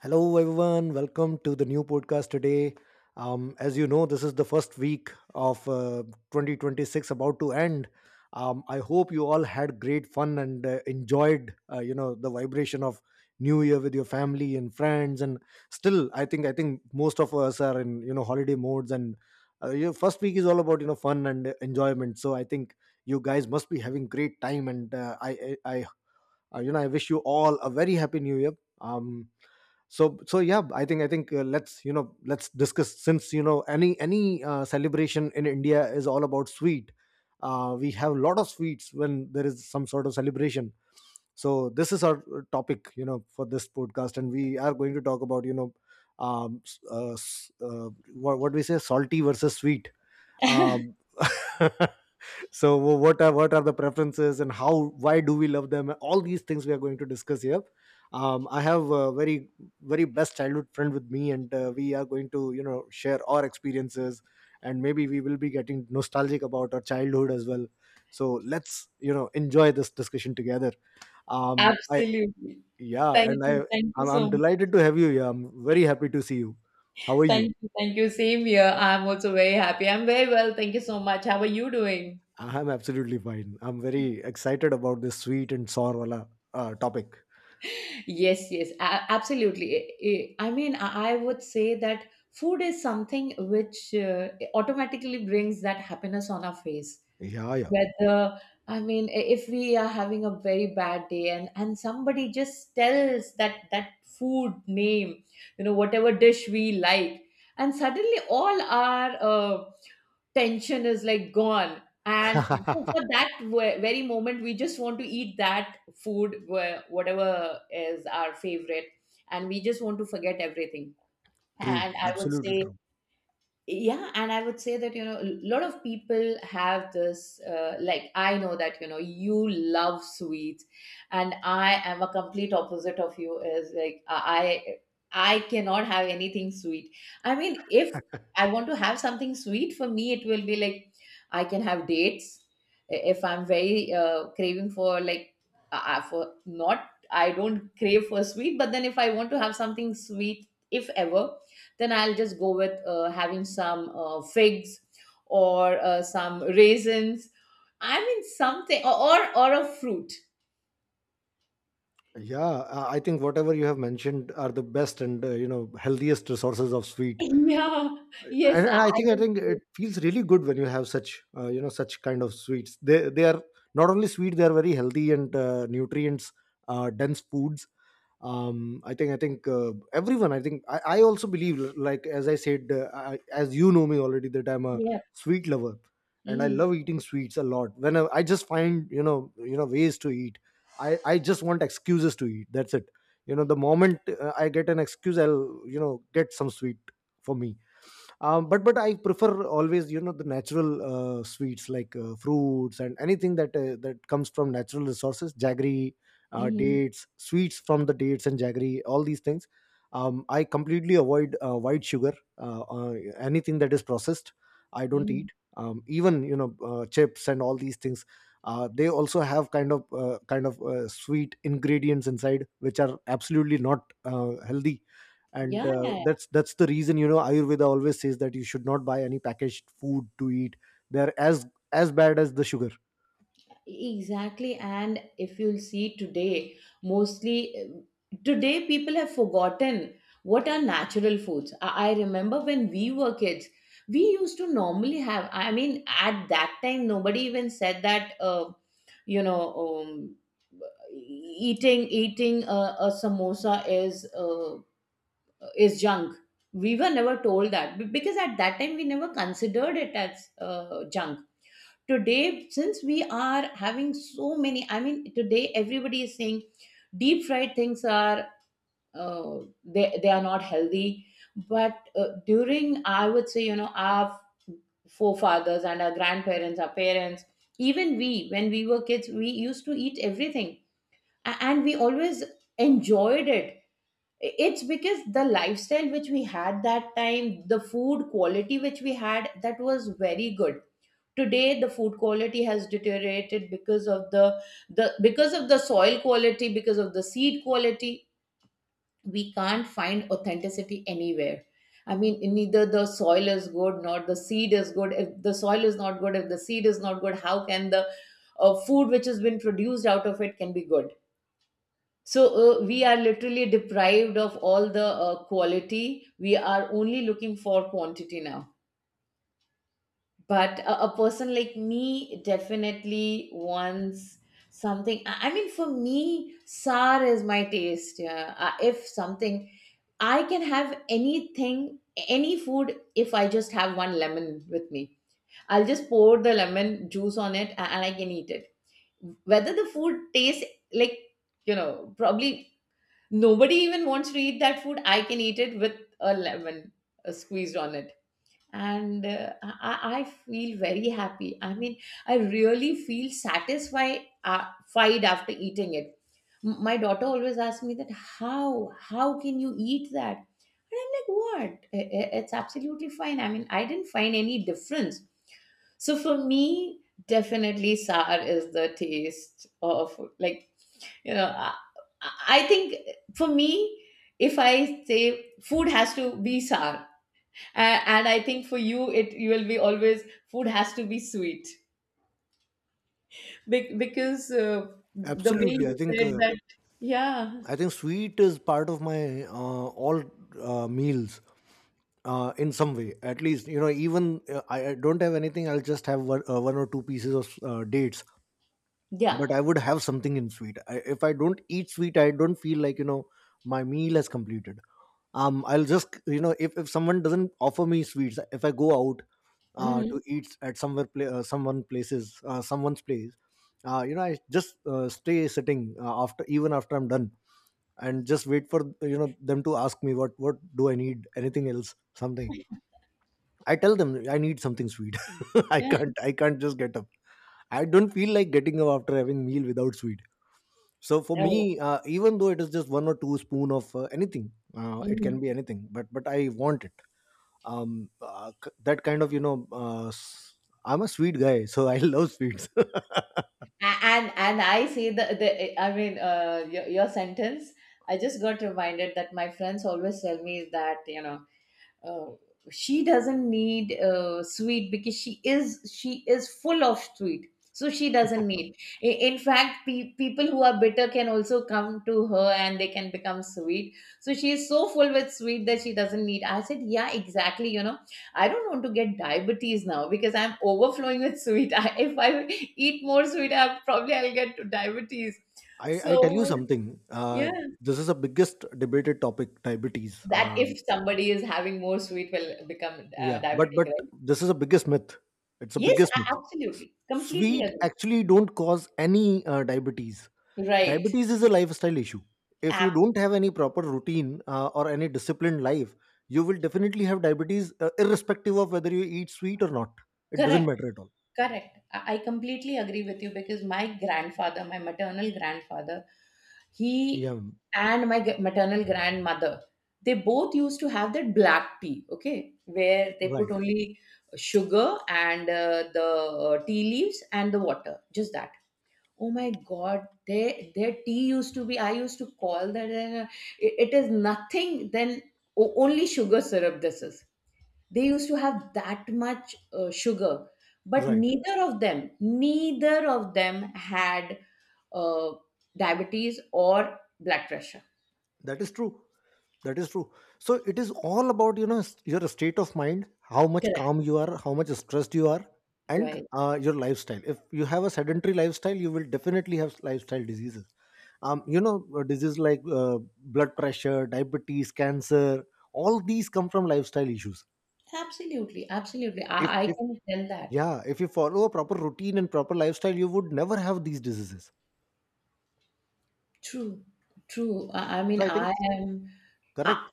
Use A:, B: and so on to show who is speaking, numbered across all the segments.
A: Hello, everyone. Welcome to the new podcast today. As you know, this is the first week of 2026 about to end. I hope you all had great fun and enjoyed, the vibration of New Year with your family and friends. And still, I think most of us are in holiday modes, and your first week is all about fun and enjoyment. So I think you guys must be having great time, and I wish you all a very happy New Year. Um, yeah, I think let's let's discuss, since any celebration in India is all about sweet. We have a lot of sweets when there is some sort of celebration, so this is our topic for this podcast, and we are going to talk about um s- uh, s- uh, what do we say, salty versus sweet. um So what are the preferences, and how, why do we love them? All these things we are going to discuss here. I have a very best childhood friend with me, and we are going to share our experiences, and maybe we will be getting nostalgic about our childhood as well. So let's enjoy this discussion together. Um, I
B: Absolutely.
A: yeah,
B: Thank
A: and I
B: you. Thank you
A: I'm
B: so much.
A: delighted to have you here. I'm very happy to see you. How are you?
B: Thank you. Thank you. Same here. I'm also very happy. I'm very well. Thank you so much. How are you doing?
A: I'm absolutely fine. I'm very excited about this sweet and sour wala, topic.
B: Yes, yes, absolutely. I mean, I would say that food is something which automatically brings that happiness on our face.
A: Yeah, yeah.
B: Whether, I mean, if we are having a very bad day, and somebody just tells that, that food name, whatever dish we like, and suddenly all our tension is like gone. And so for that very moment, we just want to eat that food, whatever is our favorite, and we just want to forget everything.
A: True.
B: And I would
A: Absolutely
B: say
A: true.
B: yeah and I would say that a lot of people have this, like, I know that you love sweets, and I am a complete opposite of you. Is like, I cannot have anything sweet. I mean, if I want to have something sweet, for me it will be like I can have dates. If I'm very, craving for, like, for not I don't crave for sweet, but then if I want to have something sweet, if ever, then I'll just go with, having some, figs, or, some raisins. I mean something, or or a fruit.
A: Yeah, I think whatever you have mentioned are the best and healthiest sources of sweet,
B: Yeah. Yes,
A: and,
B: I,
A: and I
B: I
A: think I
B: can.
A: think it feels really good when you have such such kind of sweets. They are not only sweet; they are very healthy and nutrients dense foods. I think everyone I think I also believe, like as I said, as you know me already, that I'm a
B: Yeah.
A: sweet lover, and I
B: Hmm.
A: love eating sweets a lot. I just find ways to eat. I just want excuses to eat, that's it. You know, the moment I get an excuse, I'll get some sweet for me. But I prefer always, the natural sweets, like fruits and anything that that comes from natural resources: jaggery,
B: Hmm.
A: dates, sweets from the dates and jaggery, all these things. I completely avoid white sugar, anything that is processed. I don't
B: Hmm.
A: eat. Even chips and all these things, they also have kind of sweet ingredients inside, which are absolutely not healthy.
B: Yeah.
A: And that's the reason, you know, Ayurveda always says that you should not buy any packaged food to eat. They're as bad as the sugar.
B: Exactly, and if you'll see today, mostly, today people have forgotten what are natural foods. I remember when we were kids, we used to normally have, I mean, at that time, nobody even said that, you know, um, eating a samosa is junk. We were never told that, because at that time we never considered it as, junk. Today since we are having so many, I mean, today everybody is saying deep fried things are, uh, they are not healthy. But, during, I would say, our forefathers and our grandparents, our parents, even we, when we were kids, we used to eat everything, and we always enjoyed it. It's because the lifestyle which we had that time, the food quality which we had, that was very good. Today the food quality has deteriorated because of the because of the soil quality, because of the seed quality. We can't find authenticity anywhere. I mean, neither the soil is good nor the seed is good. If the soil is not good, if the seed is not good, how can the, food which has been produced out of it, can be good? So, we are literally deprived of all the, quality. We are only looking for quantity now. But, a person like me definitely wants something. I mean for me, sour is my taste. Yeah, if something, I can have anything, any food. If I just have one lemon with me, I'll just pour the lemon juice on it, and I can eat it. Whether the food tastes like, you know probably nobody even wants to eat that food, I can eat it with a lemon, squeezed on it. And, I feel very happy. I mean, I really feel satisfied, fied after eating it. My daughter always asks me that, how can you eat that? And I'm like, what? It's absolutely fine. I mean, I didn't find any difference. So for me, definitely, sour is the taste of, like, I think. For me, if I say food has to be sour, and I think for you, it you will be always, food has to be sweet. Because, the way
A: Absolutely, I
B: you
A: think
B: said that. Yeah.
A: I think sweet is part of my all meals in some way, at least. You know, even I don't have anything, I'll just have one, one or two pieces of dates,
B: Yeah.
A: but I would have something in sweet. If I don't eat sweet, I don't feel like, you know, my meal has completed. I'll just, you know, if someone doesn't offer me sweets, if I go out to
B: Mhm.
A: eat at somewhere pla someone places someone's place, you know, I just stay sitting after, even after I'm done, and just wait for, you know, them to ask me what do I need, anything else, something. I tell them I need something sweet. I
B: Yeah.
A: can't I can't just get up. I don't feel like getting up after having meal without sweet. So for
B: Oh.
A: me, even though it is just one or two spoon of anything, it can
B: Mhm.
A: be anything, but I want it. That kind of, I'm a sweet guy, so I love sweets.
B: And I see the I mean, your sentence, I just got reminded that my friends always tell me that, uh, she doesn't need, sweet, because she is full of sweet, so she doesn't need. In fact, people who are bitter can also come to her and they can become sweet. So she is so full with sweet that she doesn't need. I said, yeah, exactly, I don't want to get diabetes now because I'm overflowing with sweet. If I eat more sweet, I'll get to diabetes.
A: I tell you
B: So
A: something,
B: yeah,
A: this is the biggest debated topic, diabetes.
B: that if somebody is having more sweet will become,
A: Yeah, but
B: diabetic,
A: but
B: right?
A: this is the biggest myth. It's the
B: Yes,
A: biggest myth.
B: absolutely. Completely
A: Sweet
B: agree.
A: actually don't cause any diabetes.
B: Right.
A: Diabetes is a lifestyle issue. If you
B: App.
A: don't have any proper routine or any disciplined life, you will definitely have diabetes irrespective of whether you eat sweet or not. It doesn't
B: Correct.
A: matter at all.
B: Correct. I completely agree with you, because my grandfather, my maternal grandfather, he,
A: Yeah.
B: and my, maternal grandmother, they both used to have that black tea, okay, where they put
A: Right,
B: only sugar, and, the, tea leaves, and the water, just that. Oh my God, their tea used to be, I used to call that, it, it is nothing. Then, only sugar syrup. This is, they used to have that much, sugar, but
A: right.
B: neither of them had, uh, diabetes or blood pressure.
A: That is true. That is true. So it is all about, you know, your state of mind, how much
B: Correct.
A: calm you are, how much stressed you are, and
B: Right.
A: your lifestyle. If you have a sedentary lifestyle, you will definitely have lifestyle diseases. You know, diseases like blood pressure, diabetes, cancer, all these come from lifestyle issues.
B: Absolutely, absolutely,
A: if
B: I
A: if
B: can tell that.
A: yeah, if you follow a proper routine and proper lifestyle, you would never have these diseases.
B: True, true, I
A: So
B: mean,
A: I think
B: I am. I
A: correct.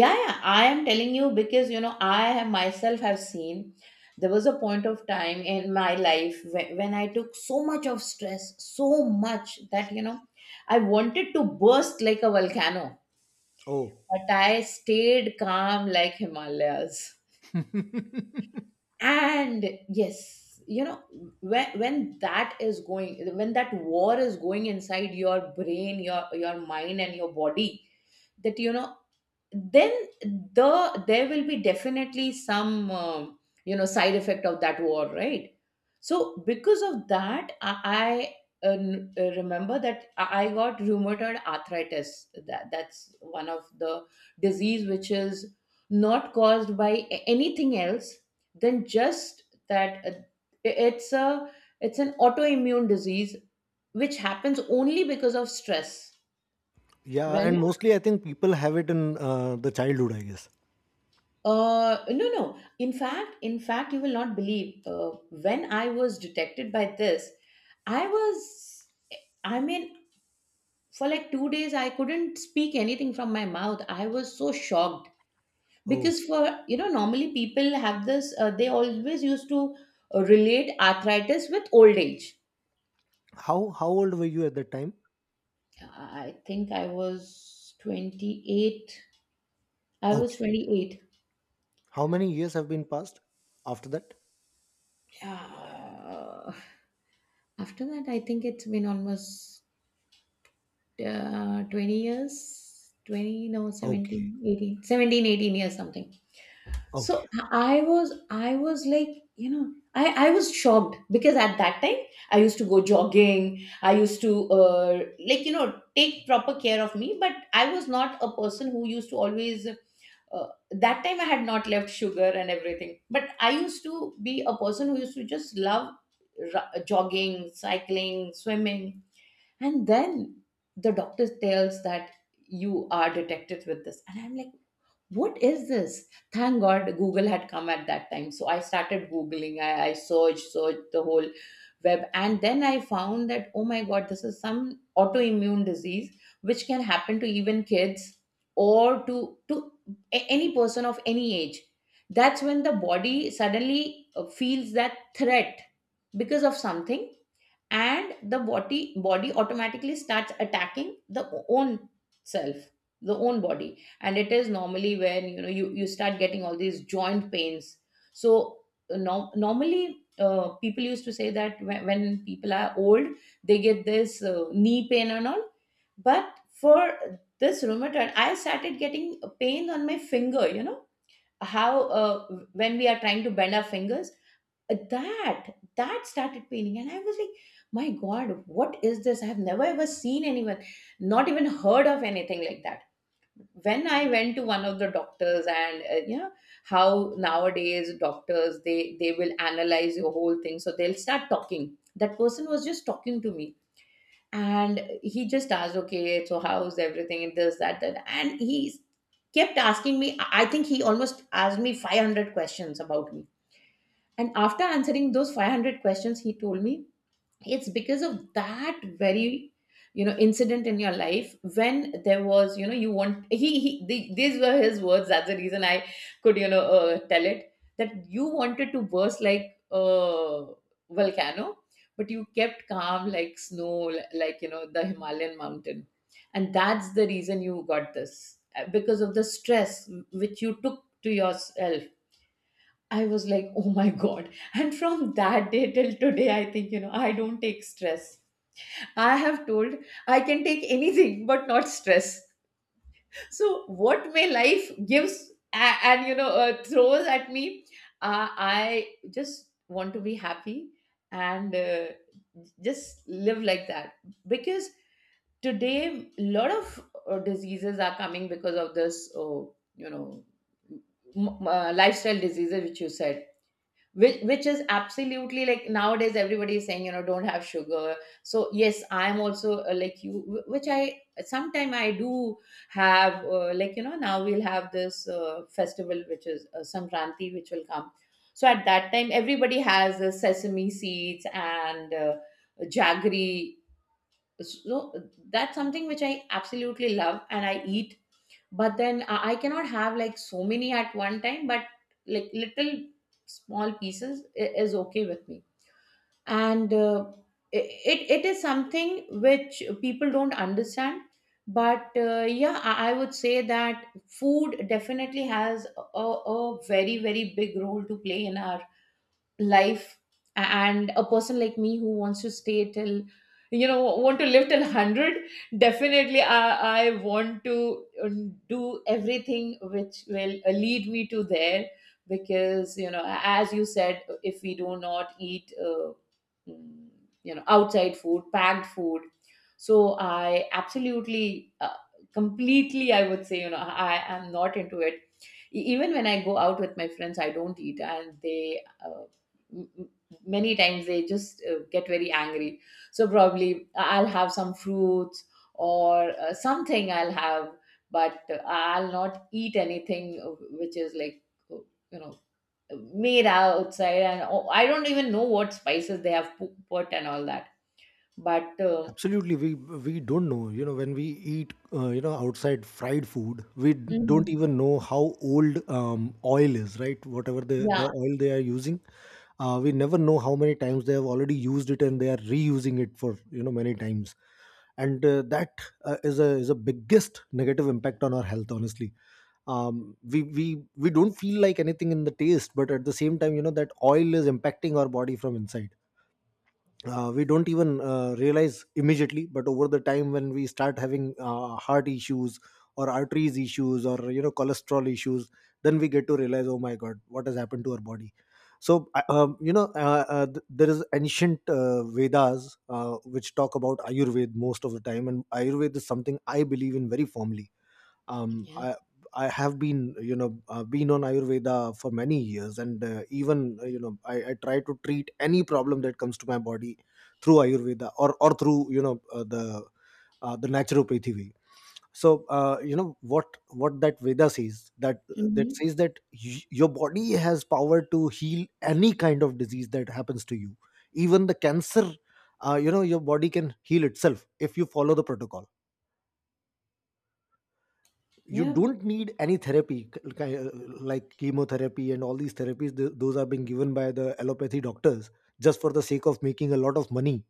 B: Yeah, yeah, I am telling you, because I have myself have seen there was a point of time in my life when I took so much of stress, so much that, I wanted to burst like a volcano,
A: Oh.
B: but I stayed calm like Himalayas. And yes, when that is going, when that war is going inside your brain, your mind, and your body, that, then there will be definitely some, side effect of that war, right? So because of that, I remember that I got rheumatoid arthritis. That's one of the disease which is not caused by, anything else than just that, i- it's a it's an autoimmune disease which happens only because of stress.
A: Yeah,
B: When
A: and mostly I think people have it in the childhood, I guess.
B: No, no. In fact, you will not believe. When I was detected by this, I was, I mean, for like 2 days, I couldn't speak anything from my mouth. I was so shocked
A: Oh.
B: because for, normally people have they always used to, relate arthritis with old age.
A: How old were you at that time?
B: I think I was 28. I
A: Okay.
B: was 28.
A: How many years have been passed after that?
B: Uh, After that, I think it's been almost, 20 years, 20, no,
A: Okay.
B: 17, 18, 17, 18 years, something.
A: Okay.
B: So I was like, I was shocked, because at that time I used to go jogging. I used to, like, take proper care of me. But I was not a person who used to always, that time I had not left sugar and everything. But I used to be a person who used to just love, jogging, cycling, swimming. And then the doctor tells that, you are detected with this. And I'm like, what is this? Thank god, Google had come at that time, so I started googling. I searched the whole web, and then I found that, oh my god, this is some autoimmune disease which can happen to even kids, or to any person of any age. That's when the body suddenly, feels that threat because of something, and the body automatically starts attacking the, own self, the own body. And it is normally when, you start getting all these joint pains. So, normally, people used to say that when people are old they get this, knee pain and all. But for this rheumatoid, I started getting pain on my finger. You know how, when we are trying to bend our fingers, that that started paining. And I was like, my god, what is this? I have never ever seen anyone, not even heard of anything like that. When I went to one of the doctors, and, you know how nowadays doctors, they will analyze your whole thing. So they'll start talking. That person was just talking to me, and he just asked, okay, so how's everything, and this, that that and he kept asking me. I think he almost asked me 500 questions about me, and after answering those 500 questions, he told me, it's because of that very, incident in your life, when there was, you know, you want, he the, these were his words. That's the reason I could, tell it that you wanted to burst like a volcano, but you kept calm like snow, like, the Himalayan mountain. And that's the reason you got this, because of the stress which you took to yourself. I was like, oh my God. And from that day till today, I think, I don't take stress. I have told I can take anything but not stress. So, what may life gives a- and, you know, throws at me, I just want to be happy and just live like that. Because today, a lot of diseases are coming because of this, you know, lifestyle diseases, which you said which is absolutely like nowadays everybody is saying, you know, don't have sugar. So yes, I'm also like you wh- which I sometime I do have, like, you know, now we'll have this festival which is, Sankranti, which will come. So at that time everybody has sesame seeds and jaggery. So that's something which I absolutely love and I eat. But then I cannot have like so many at one time, but like little small pieces is okay with me. And it is something which people don't understand. But yeah, I would say that food definitely has a very big role to play in our life. And a person like me who wants to stay till, you know, want to live till 100, definitely I want to do everything which will lead me to there. Because, you know, as you said, if we do not eat, mm, you know, outside food, packed food, so I absolutely completely, I would say, you know, I am not into it. Even when I go out with my friends, I don't eat, and they, m- m- many times they just get very angry. So probably I'll have some fruits or something I'll have, but I'll not eat anything which is like, uh, you know made outside. And oh, I don't even know what spices they have put and all that. But
A: Absolutely, we don't know. You know, when we eat, outside fried food, we don't
B: mhm.
A: even know how old oil is, right? Whatever the
B: Yeah,
A: oil they are using, we never know how many times they have already used it and they are reusing it for, you know, many times, and that is a biggest negative impact on our health. Honestly, um, we we we don't feel like anything in the taste, but at the same time, you know, that oil is impacting our body from inside. We don't even realize immediately, but over the time, when we start having heart issues or arteries issues, or you know, cholesterol issues, then we get to realize, oh my god, what has happened to our body. So there is ancient Vedas which talk about Ayurveda most of the time, and Ayurveda is something I believe in very firmly. um,
B: yeah.
A: I I have been, you know, been on Ayurveda for many years, and even you know I try to treat any problem that comes to my body through Ayurveda, or through, you know, the naturopathy way. So, you know, what that Veda says, that that
B: Hmm.
A: says that your body has power to heal any kind of disease that happens to you, even the cancer. You know, your body can heal itself if you follow the protocol. You
B: Yeah.
A: don't need any therapy, like chemotherapy and all these therapies, those are being given by the allopathy doctors just for the sake of making a lot of money.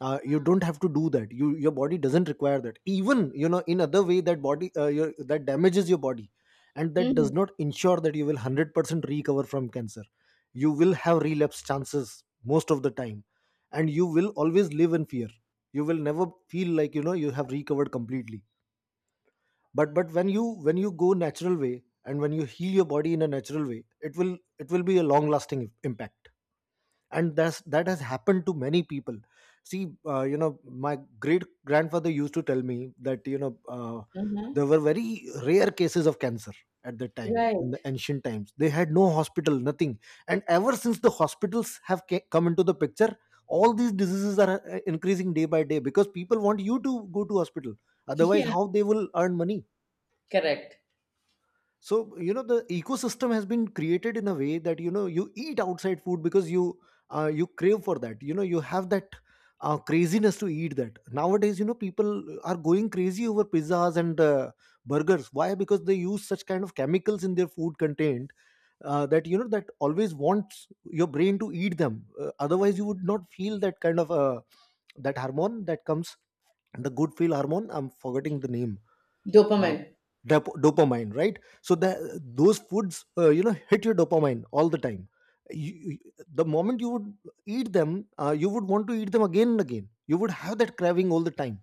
A: You don't have to do that. You, your body doesn't require that. Even, you know, in other way, that body that damages your body, and that does
B: Hmm.
A: not ensure that you will 100% recover from cancer. You will have relapse chances most of the time, and you will always live in fear. You will never feel like, you know, you have recovered completely. But when you, when you go natural way, and when you heal your body in a natural way, it will, it will be a long lasting impact, and that's that has happened to many people. See, you know, my great grandfather used to tell me that, you know, there
B: Uh-huh.
A: were very rare cases of cancer at that time. In the
B: Right.
A: ancient times they had no hospital, nothing, and ever since the hospitals have come into the picture, all these diseases are increasing day by day, because people want you to go to hospital. Otherwise
B: Yeah.
A: how they will earn money?
B: Correct.
A: So you know, the ecosystem has been created in a way that, you know, you eat outside food, because you you crave for that, you know, you have that craziness to eat that. Nowadays, you know, people are going crazy over pizzas and burgers. Why? Because they use such kind of chemicals in their food content, that, you know, that always wants your brain to eat them, otherwise you would not feel that kind of that hormone that comes, the good feel hormone, I'm forgetting the name. uh,
B: Dopamine.
A: Dopamine, right? So the those foods, you know, hit your dopamine all the time. you, you- the moment you would eat them, you would want to eat them again and Again, you would have that craving all the time.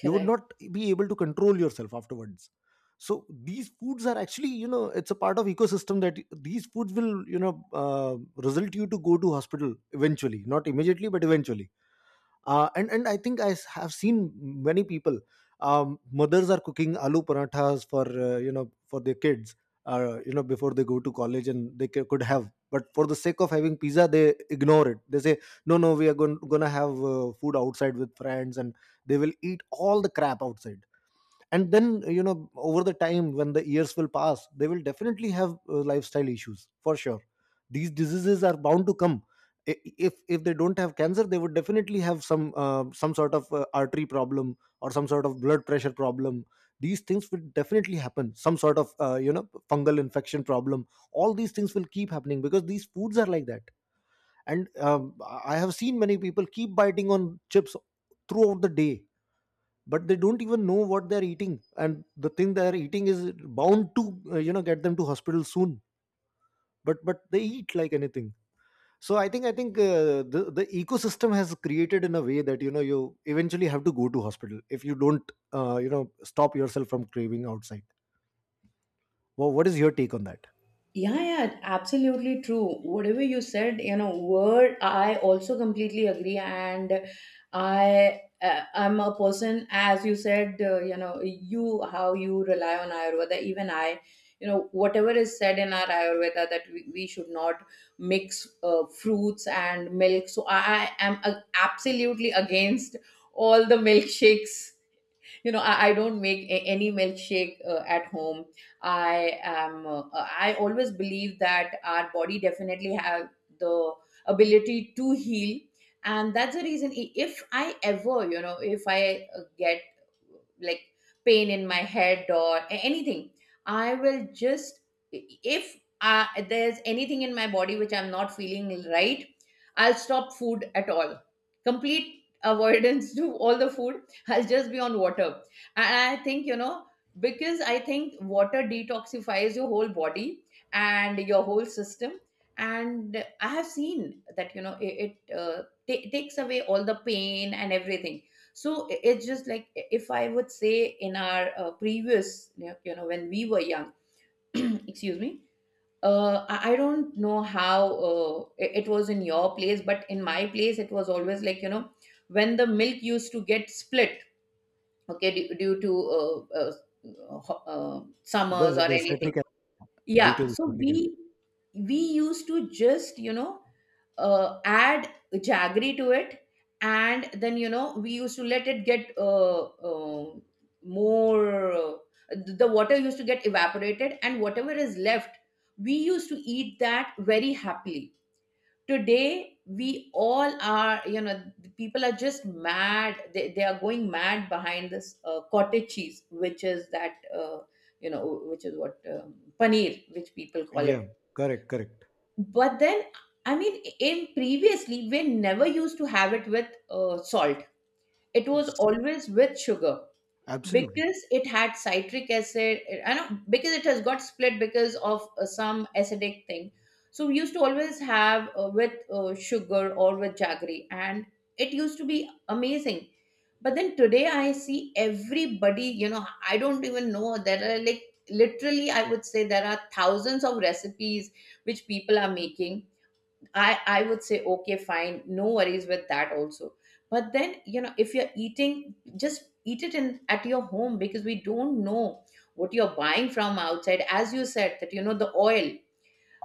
A: You would not be able to control yourself afterwards. So these foods are actually, you know, it's a part of ecosystem that these foods will, you know, uh, result you to go to hospital eventually, not immediately, but eventually. And I think have seen many people. Mothers are cooking aloo parathas for, you know, for their kids, you know, before they go to college and they could have, but for the sake of having pizza they ignore it. They say, "No, no, we are gonna have food outside with friends," and they will eat all the crap outside. And then, you know, over the time, when the years will pass, they will definitely have lifestyle issues for sure. These diseases are bound to come. If they don't have cancer, they would definitely have some sort of artery problem or some sort of blood pressure problem. These things will definitely happen, some sort of you know, fungal infection problem. All these things will keep happening because these foods are like that. And I have seen many people keep biting on chips throughout the day, but they don't even know what they're eating, and the thing they're eating is bound to you know, get them to hospital soon. But they eat like anything. So I think the ecosystem has created in a way that, you know, you eventually have to go to hospital if you don't you know, stop yourself from craving outside. Well, what is your take on that?
B: Yeah, yeah, absolutely true. Whatever you said, you know, word, I also completely agree. And I'm a person, as you said, you know, you, how you rely on Ayurveda, even I, you know, whatever is said in our Ayurveda that we should not mix fruits and milk. So I am absolutely against all the milkshakes. You know, I don't make any milkshake at home. I am I always believe that our body definitely have the ability to heal. And that's the reason if I ever, you know, if I get like pain in my head or anything, I will just, if there's anything in my body which I'm not feeling right, I'll stop food at all. Complete avoidance to all the food. I'll just be on water. And I think, you know, because I think water detoxifies your whole body and your whole system. And I have seen that, you know, it takes away all the pain and everything. So it's just like, if I would say, in our previous, when we were young, excuse me, I don't know how it was in your place, but in my place, it was always like, you know, when the milk used to get split, okay, due to
A: the
B: summers or
A: the
B: anything.
A: citric acid, due to
B: Yeah,
A: the
B: so
A: citric
B: we used to just, you know, add jaggery to it, and then, you know, we used to let it get uh, more. The water used to get evaporated, and whatever is left, we used to eat that very happily. Today we all are, you know, the people are just mad. They are going mad behind this cottage cheese, which is that, you know, which is what, paneer, which people
A: acid,
B: call
A: yeah.
B: it.
A: Correct, correct.
B: But then, I mean, in previously we never used to have it with salt. It was
A: S-
B: always with sugar.
A: Absolutely.
B: Because it had citric acid. I know, because it has got split because of some acidic thing. So we used to always have, with sugar or with jaggery, and it used to be amazing. But then today I see everybody, you know, I don't even know, there are like, literally I would say, there are thousands of recipes which people are making. I would say, okay, fine, no worries with that also. But then, you know, if you're eating, just eat it in at your home, because we don't know what you're buying from outside. As you said, that, you know, the oil.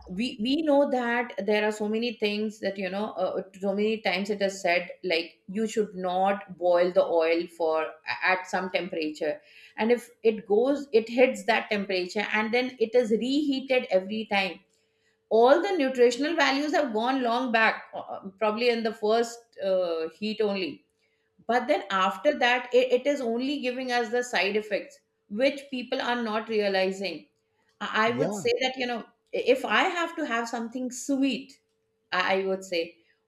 B: We know that there are so many things that, you know, so many times it is said like you should not boil the oil for at some temperature, and if it goes, it hits that temperature, and then it is reheated every time. All the nutritional values have gone long back, probably in the first heat only. But then after that it is only giving us the side effects, which people are not realizing. I would
A: Yeah,
B: say that, you know, if I have to have something sweet, I would say,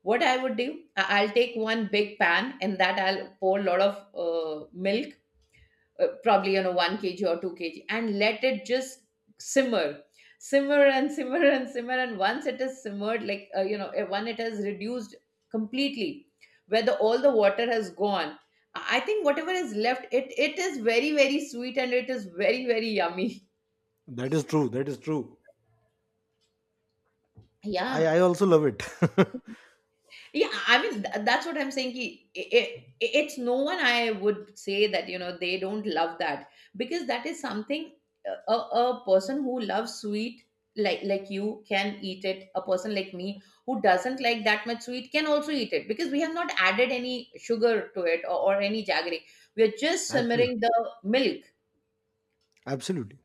B: what I would do, I'll take one big pan, and that I'll pour a lot of uh, milk, probably, you know, 1 kg or 2 kg, and let it just simmer. Simmer and simmer and simmer, and once it is simmered, like, when it has reduced completely, where the all the water has gone, I think whatever is left, it is very sweet and it is very yummy.
A: that is true. I
B: Yeah.
A: also love it.
B: Yeah, I mean, that's what I'm saying, ki, it's no one, I would say that, you know, they don't love that. Because that is something, a person who loves sweet, like you can eat it. A person like me who doesn't like that much sweet can also eat it, because we have not added any sugar to it, or any jaggery. We are just
A: absolutely,
B: simmering the milk.
A: absolutely.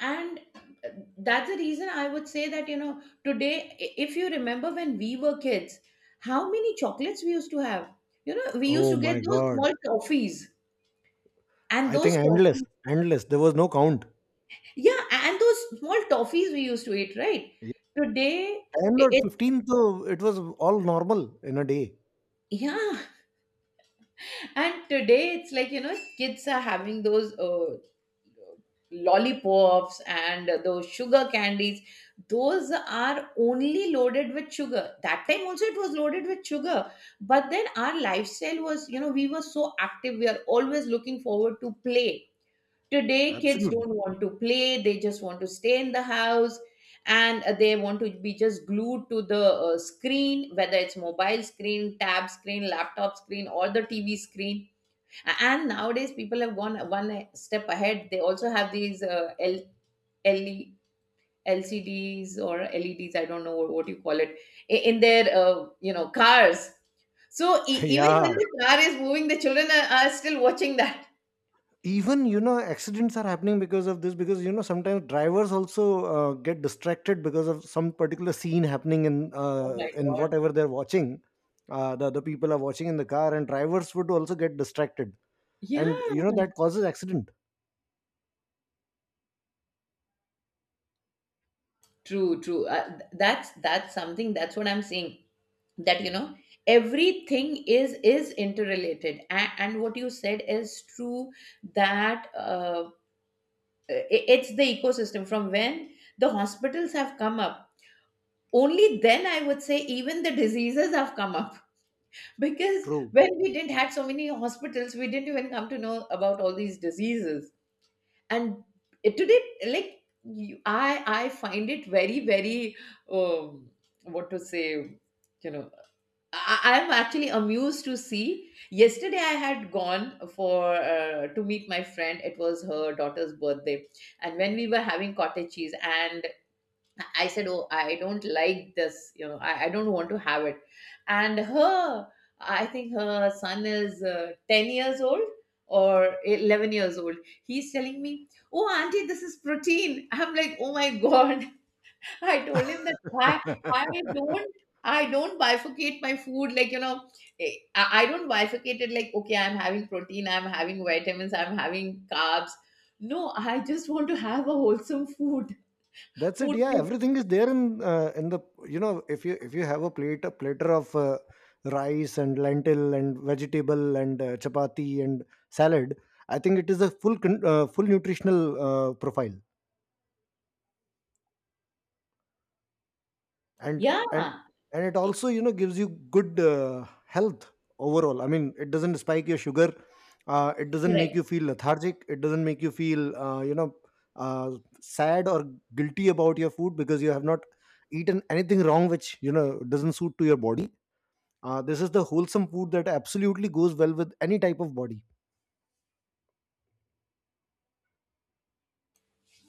B: And uh, that's the reason I would say that, you know, today, if you remember when we were kids, how many chocolates we used to have. You know, we used
A: Oh
B: to get
A: my
B: those
A: God.
B: small toffees, and
A: I think
B: those
A: endless,
B: toffees,
A: endless. There was no count.
B: yeah, and those small toffees we used to eat, right?
A: Yeah,
B: Today
A: 10 or
B: it,
A: 15, so it was all normal in a day.
B: yeah. And today it's like, you know, kids are having those lollipops and those sugar candies. Those are only loaded with sugar. That time also it was loaded with sugar. But then our lifestyle was, you know, we were so active. We are always looking forward to play. Today, kids
A: Absolutely.
B: don't want to play. They just want to stay in the house. And they want to be just glued to the screen, whether it's mobile screen, tab screen, laptop screen, or the TV screen. And nowadays people have gone one step ahead. They also have these, LE, lcds or leds, I don't know what you call it, in their, you know, cars. So even when
A: Yeah.
B: the car is moving, the children are still watching that.
A: Even, you know, accidents are happening because of this, because, you know, sometimes drivers also get distracted because of some particular scene happening
B: Oh my
A: in
B: god.
A: whatever they're watching. The other people are watching in the car, and drivers would also get distracted.
B: Yeah.
A: And, you know, that causes accident.
B: True, true. That's something, that's what I'm saying, that, you know, everything is interrelated, and what you said is true. That it's the ecosystem, from when the hospitals have come up, only then I would say even the diseases have come up. Because
A: True.
B: when we didn't had so many hospitals, we didn't even come to know about all these diseases. And it, today, like you, I find it very um, what to say, you know, I'm actually amused to see. Yesterday, I had gone for, to meet my friend. It was her daughter's birthday, and when we were having cottage cheese, and I said, "Oh, I don't like this. You know, I don't want to have it." And her, I think her son is 10 years old or 11 years old. He's telling me, "Oh, auntie, this is protein." I'm like, "Oh my god!" I told him that I, I don't, I don't bifurcate my food like, you know, eh, I don't bifurcate it like, okay, I'm having protein, I'm having vitamins, I'm having carbs. No, I just want to have a wholesome food.
A: That's it.
B: Food
A: Yeah,
B: plate.
A: everything is there in the, you know, if you have a plate, a platter of rice and lentil and vegetable and chapati and salad, I think it is a full nutritional profile. and
B: Yeah.
A: and and it also, you know, gives you good health overall. I mean, it doesn't spike your sugar, it doesn't make
B: Correct.
A: you feel lethargic, it doesn't make you feel, you know uh, sad or guilty about your food, because you have not eaten anything wrong which, you know, doesn't suit to your body. This is the wholesome food that absolutely goes well with any type of body.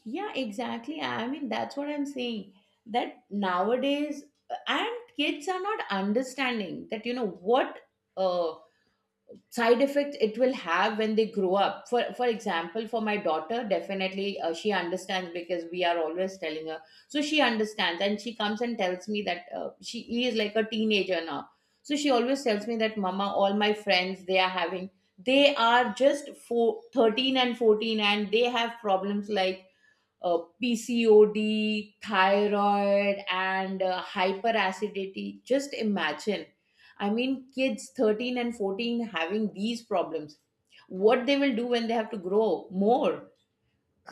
B: Yeah, exactly, I mean, that's what I'm saying. That nowadays, and kids are not understanding that, you know what, uh, side effects it will have when they grow up. For example, for my daughter, definitely, she understands, because we are always telling her. So she understands, and she comes and tells me that, she is like a teenager now. So she always tells me that, mama, all my friends, they are having, they are just four, 13 and 14, and they have problems like PCOD, thyroid, and hyperacidity. Just imagine. I mean, kids 13 and 14 having these problems. What they will do when they have to grow more?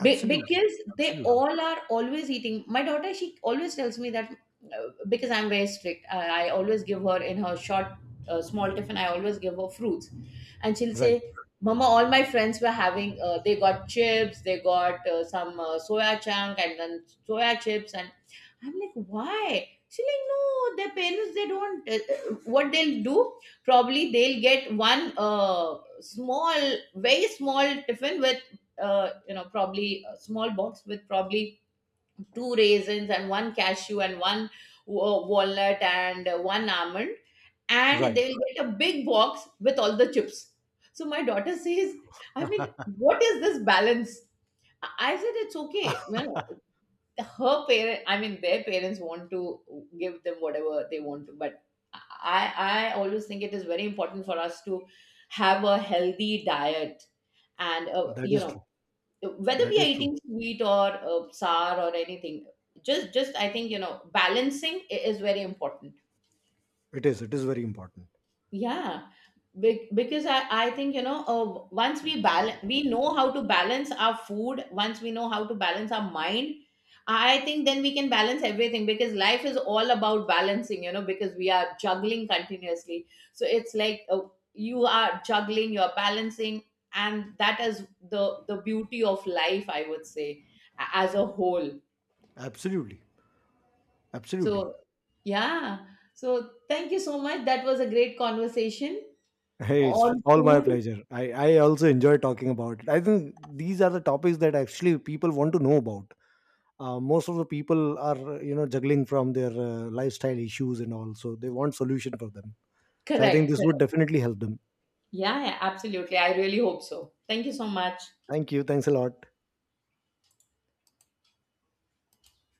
B: Be- because they
A: absolutely.
B: all are always eating. My daughter, she always tells me that, because I'm very strict, I always give her in her short, small tiffin, I always give her fruits. And she'll
A: Right,
B: say, mama, all my friends were having, they got chips, they got some soya chunk, and then soya chips. And I'm like, why? She's like, no, their parents, they don't. What they'll do, probably they'll get one, small, very small tiffin with you know, probably a small box with probably two raisins and one cashew and one walnut and one almond, and
A: right.
B: they'll get a big box with all the chips. So my daughter says, I mean, what is this balance? I said, it's okay, you know, her parent, I mean, their parents want to give them whatever they want to. But i I always think it is very important for us to have a healthy diet. And
A: that
B: you
A: is true,
B: know, whether
A: that
B: we are
A: is true.
B: eating sweet or sour or anything, just I think, you know, balancing is very important.
A: It is, it is very important.
B: Yeah, because I think, you know, once we balance, we know how to balance our food, once we know how to balance our mind, I think then we can balance everything, because life is all about balancing, you know, because we are juggling continuously. So it's like, you are juggling, you're balancing, and that is the beauty of life, I would say, as a whole.
A: Absolutely. Absolutely.
B: So yeah. So thank you so much, that was a great conversation
A: Hey, it's
B: on
A: all my
B: food.
A: pleasure. I also enjoy talking about it. I think these are the topics that actually people want to know about. Most of the people are, you know, juggling from their lifestyle issues and all, so they want solution for them. So I think
B: Correct,
A: this would
B: correct.
A: definitely help them.
B: Yeah, yeah, absolutely. I really hope so. Thank you so much.
A: Thank you. Thanks a lot.